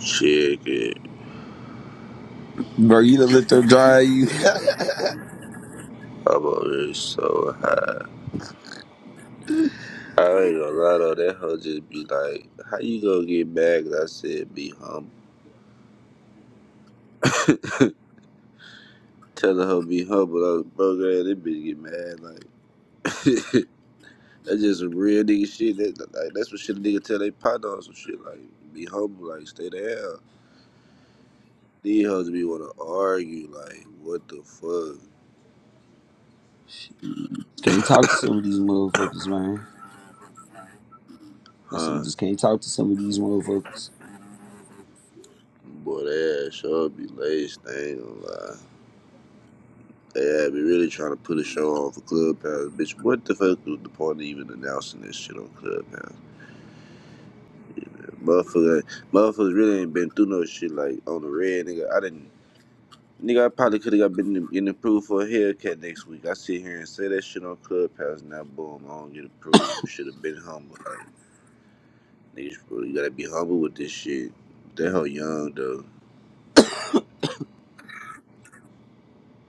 Chicken. Bro, you done let them dry you. I'm already so high. I ain't gonna lie though, that hoe just be like, how you gonna get mad 'cause I said be humble? Telling her be humble, I was broke ass, that bitch get mad, like, that's just some real nigga shit. That, like, that's what shit a nigga tell they partner on some shit, like, be humble, like, stay the hell. These hoes be wanna argue, like, what the fuck, can't talk to some of these motherfuckers, man. I see you huh? just can't talk to some of these motherfuckers. Boy, that ass sure be laced, I ain't gonna lie. Yeah, we really trying to put a show on for Clubhouse, bitch. What the fuck was the point of even announcing this shit on Clubhouse? Motherfucker, motherfuckers really ain't been through no shit like on the red, nigga. I didn't, nigga. I probably could have got been in- getting approved for a haircut next week. I sit here and say that shit on Clubhouse, now boom, I don't get approved. Should have been humble. Like, niggas really gotta be humble with this shit. They hell young though.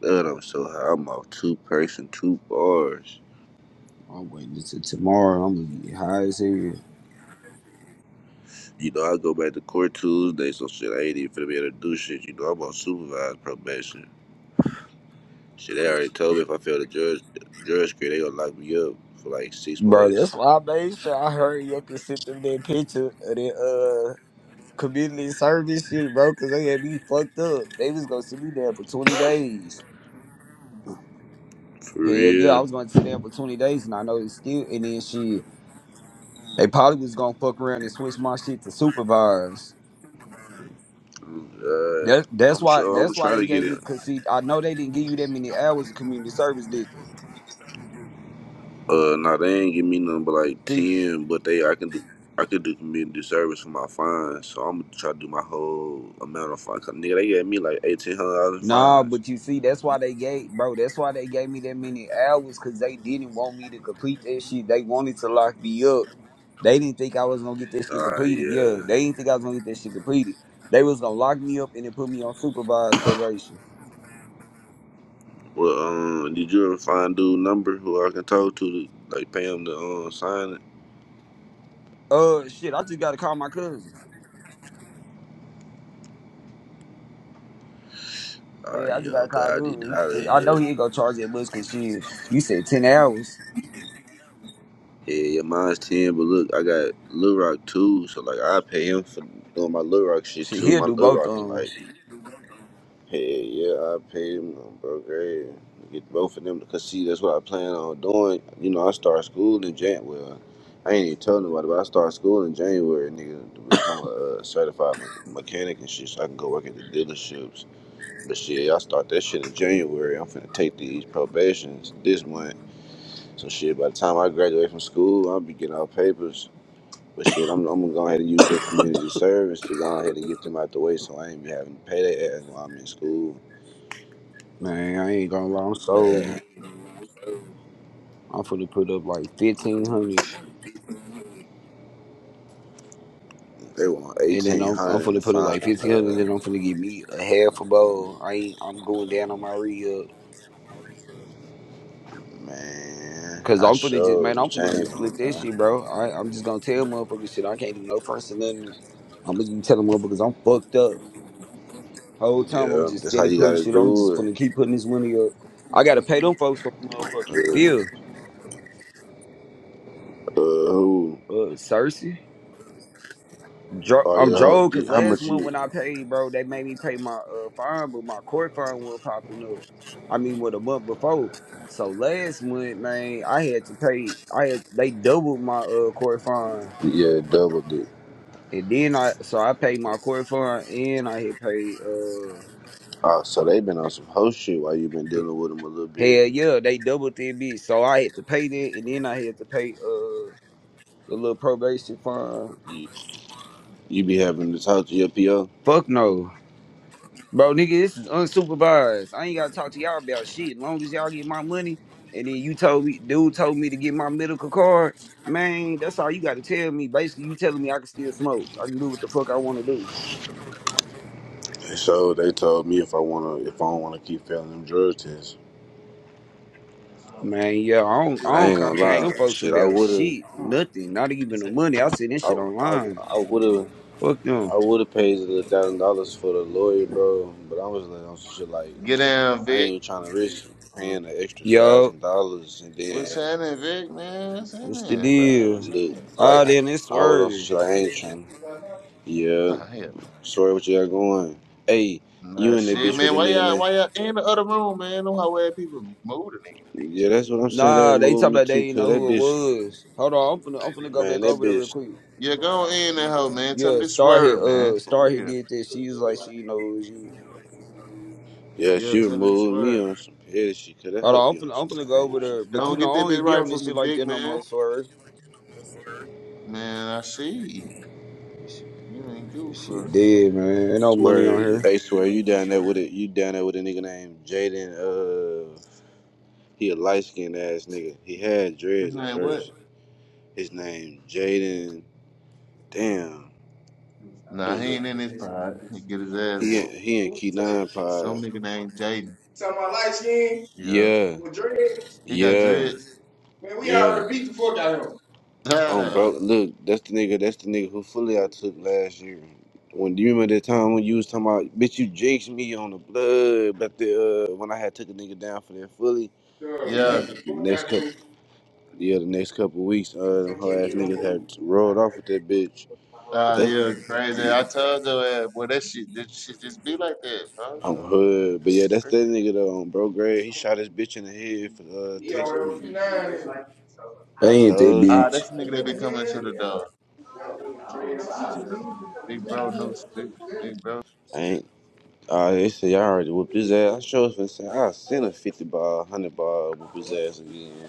God, I'm so high. I'm off two person, two bars. I'm waiting until tomorrow. I'm gonna get high as hell. You know, I go back to court Tuesday, so shit, I ain't even finna be able to do shit. You know, I'm on supervised probation. Shit, they already told me if I fail the judge the judge screen, they gonna lock me up for like six Bro, months. that's why I made sure I hurry up and sent them that picture of that uh community service shit, bro, cause they had me fucked up. They was gonna sit me down for 20 days. For Hell yeah, I real. was gonna sit down for 20 days and I know they still and then shit. They probably was gonna fuck around and switch my shit to supervised. Uh, That that's I'm why sure I'm that's why trying they to get gave it. me cause see I know they didn't give you that many hours of community service, did they? Uh, nah, they ain't give me nothing but like See, ten, but they I can do. I could do community service for my fines, so I'm gonna try to do my whole amount of fines. Cause nigga, they gave me like eighteen hundred dollars in nah, fines. but you see that's why they gave bro. That's why they gave me that many hours cause they didn't want me to complete that shit. They wanted to lock me up. They didn't think I was gonna get that shit Ah, completed. Yeah, yeah. they didn't think I was gonna get that shit completed. They was gonna lock me up and then put me on supervised probation. Well, um, did you ever find dude number who I can talk to, to like pay him to um, sign it? Uh, shit, I just gotta call my cousin. Ah, Yeah, I just yo, gotta God, call I did dude. how the He- I know he hell? ain't gonna charge that much cause shit. You said ten hours. Yeah, your mine's ten, but look, I got Lil Rock too, so like I pay him for doing my Lil Rock shit Shit, too. he'll My do Lil both Rock, of I'm 'em. like, hey, yeah, I pay him, um, bro. Great, get both of them because see, that's what I plan on doing. You know, I start school in January. Well, I ain't even telling nobody, but I start school in January, nigga, to become a uh, certified me- mechanic and shit, so I can go work at the dealerships. But shit, y'all start that shit in January. I'm finna take these probations this month. So shit, by the time I graduate from school, I'll be getting all papers. But shit, I'm, I'm gonna go ahead and use that community service to go ahead and get them out the way so I ain't be having to pay their ass while I'm in school. Man, I ain't gonna lie, I'm so Uh, I'm finna put up like fifteen hundred, they want and then I'm I'm 1800 in the finna put up like fine. fifteen hundred, and then Uh, I'm finna get me a half a bowl. I ain't, I'm going down on my re up, man, cause I I'm finna just sure man, be I'm finna changing. just flip that man. shit, bro. I I'm just gonna tell motherfuckers shit. I can't do no fronts and nothing. I'm just gonna tell them motherfuckers I'm fucked up. Whole time I'm Yeah, just that's how steady you putting gotta shit. I'm do just it. gonna keep putting this money up. I gotta pay them folks for motherfucking Uh, feel, uh, who? uh, Cersei. Dro- Oh, yeah, I'm drove because how, last much one you? when I paid, bro, they made me pay my uh fine, but my court fine was popping up. I mean, with a month before. So last month, man, I had to pay. I had they doubled my uh court fine, Yeah, double it. and then I so I paid my court fine and I had paid uh Oh, so they've been on some whole shit while you've been dealing with them a little bit. hell yeah they doubled that bitch. So I had to pay that, and then I had to pay uh the little probation fine. You, you be having to talk to your PO. Fuck no. Bro, nigga, this is unsupervised. I ain't gotta talk to y'all about shit. As long as y'all get my money, and then you told me, dude told me to get my medical card. Man, that's all you gotta tell me. Basically, you telling me I can still smoke. I can do what the fuck I wanna do. so they told me if I wanna, if I don't wanna keep failing them drug tests. Man, yeah, I don't, But I I don't ain't gonna contact Like, lie, them folks shit, I about would've, shit. Nothing. Not even the money. I see this I, shit I, online. I would've, Fuck I them. would've paid the thousand dollars for the lawyer, bro. But I was like on some shit like, Get down, I Vic. ain't trying to risk paying an extra Yo, thousand dollars and What's then happening, Vic, man? What's what's the happening, bro? deal? What's look happening? like Ah, I, then it's I was on some swerving. shit like I ain't trying. Yeah, Nah, hell Sorry, what you got going? Hey, nah. you Nah, and that shit, huh? bitch with man. a Why nigga y'all, name? why y'all in the other room, man? Know how weird people move the nigga. Yeah, that's what I'm saying. They Nah, they talking removed me about too, they didn't cause know that who it bitch, was. Hold on, I'm finna, I'm finna go man, back that over there real bitch. quick. Yeah, go in that hoe, man. Tell me Yeah, this Star hit swerve, man. uh For Star hit real. did that. She's like she knows you. Yeah, Yeah, she tell me this removed me swerve. on some petty shit, cause that Hold on, help I'm you on finna, I'm finna some go over lame there. shit. But you Don't know, get I that don't bit be right on for this me, shit like Vic, that no man. more, sorry. Man, I see. This shit You You ain't good this shit for it. dead, man. Ain't no money on Swear, her. hey, swear you down there with it? You down there with a nigga named Jaden? Uh, he a light skinned ass nigga. He had His dreads at name what? first. His name Jaden. Damn, let Nah, me he look. ain't in his pod. He get his ass He in- whooped. he in Who you Key say? Nine Pod. Some nigga named Jaden. Talking about light skin? Yeah. Yeah, With dreads? He got yeah, dreads. Man, we yeah. already beat the fuck out of Um, bro, him. look, that's the nigga. That's the nigga who fully Yeah. I took last year. When do you remember that time when you was talking about, bitch, you jinxed me on the blood, but the uh, when I had took a nigga down for that fully, Yeah. yeah. like Beat the fuck next out of couple, him. yeah, the next couple weeks, He uh, was them in whole Kenny ass Get on niggas Road. had rolled off with that bitch. But Ah, that's yeah, crazy. yeah, I told you, uh, well, that shit, that shit just be like that, bro. on hood. But yeah, that's that nigga though. Um, bro, Gray, he shot his bitch in the head for uh He texting already me. was nine. They I ain't that told you, Ah, bitch. that's the nigga that be coming to the door. Big bro, no, big, big bro I ain't. Uh, they say y'all already whooped his ass. I sure was finna say I sent a fifty ball, hundred ball, whoop his ass again.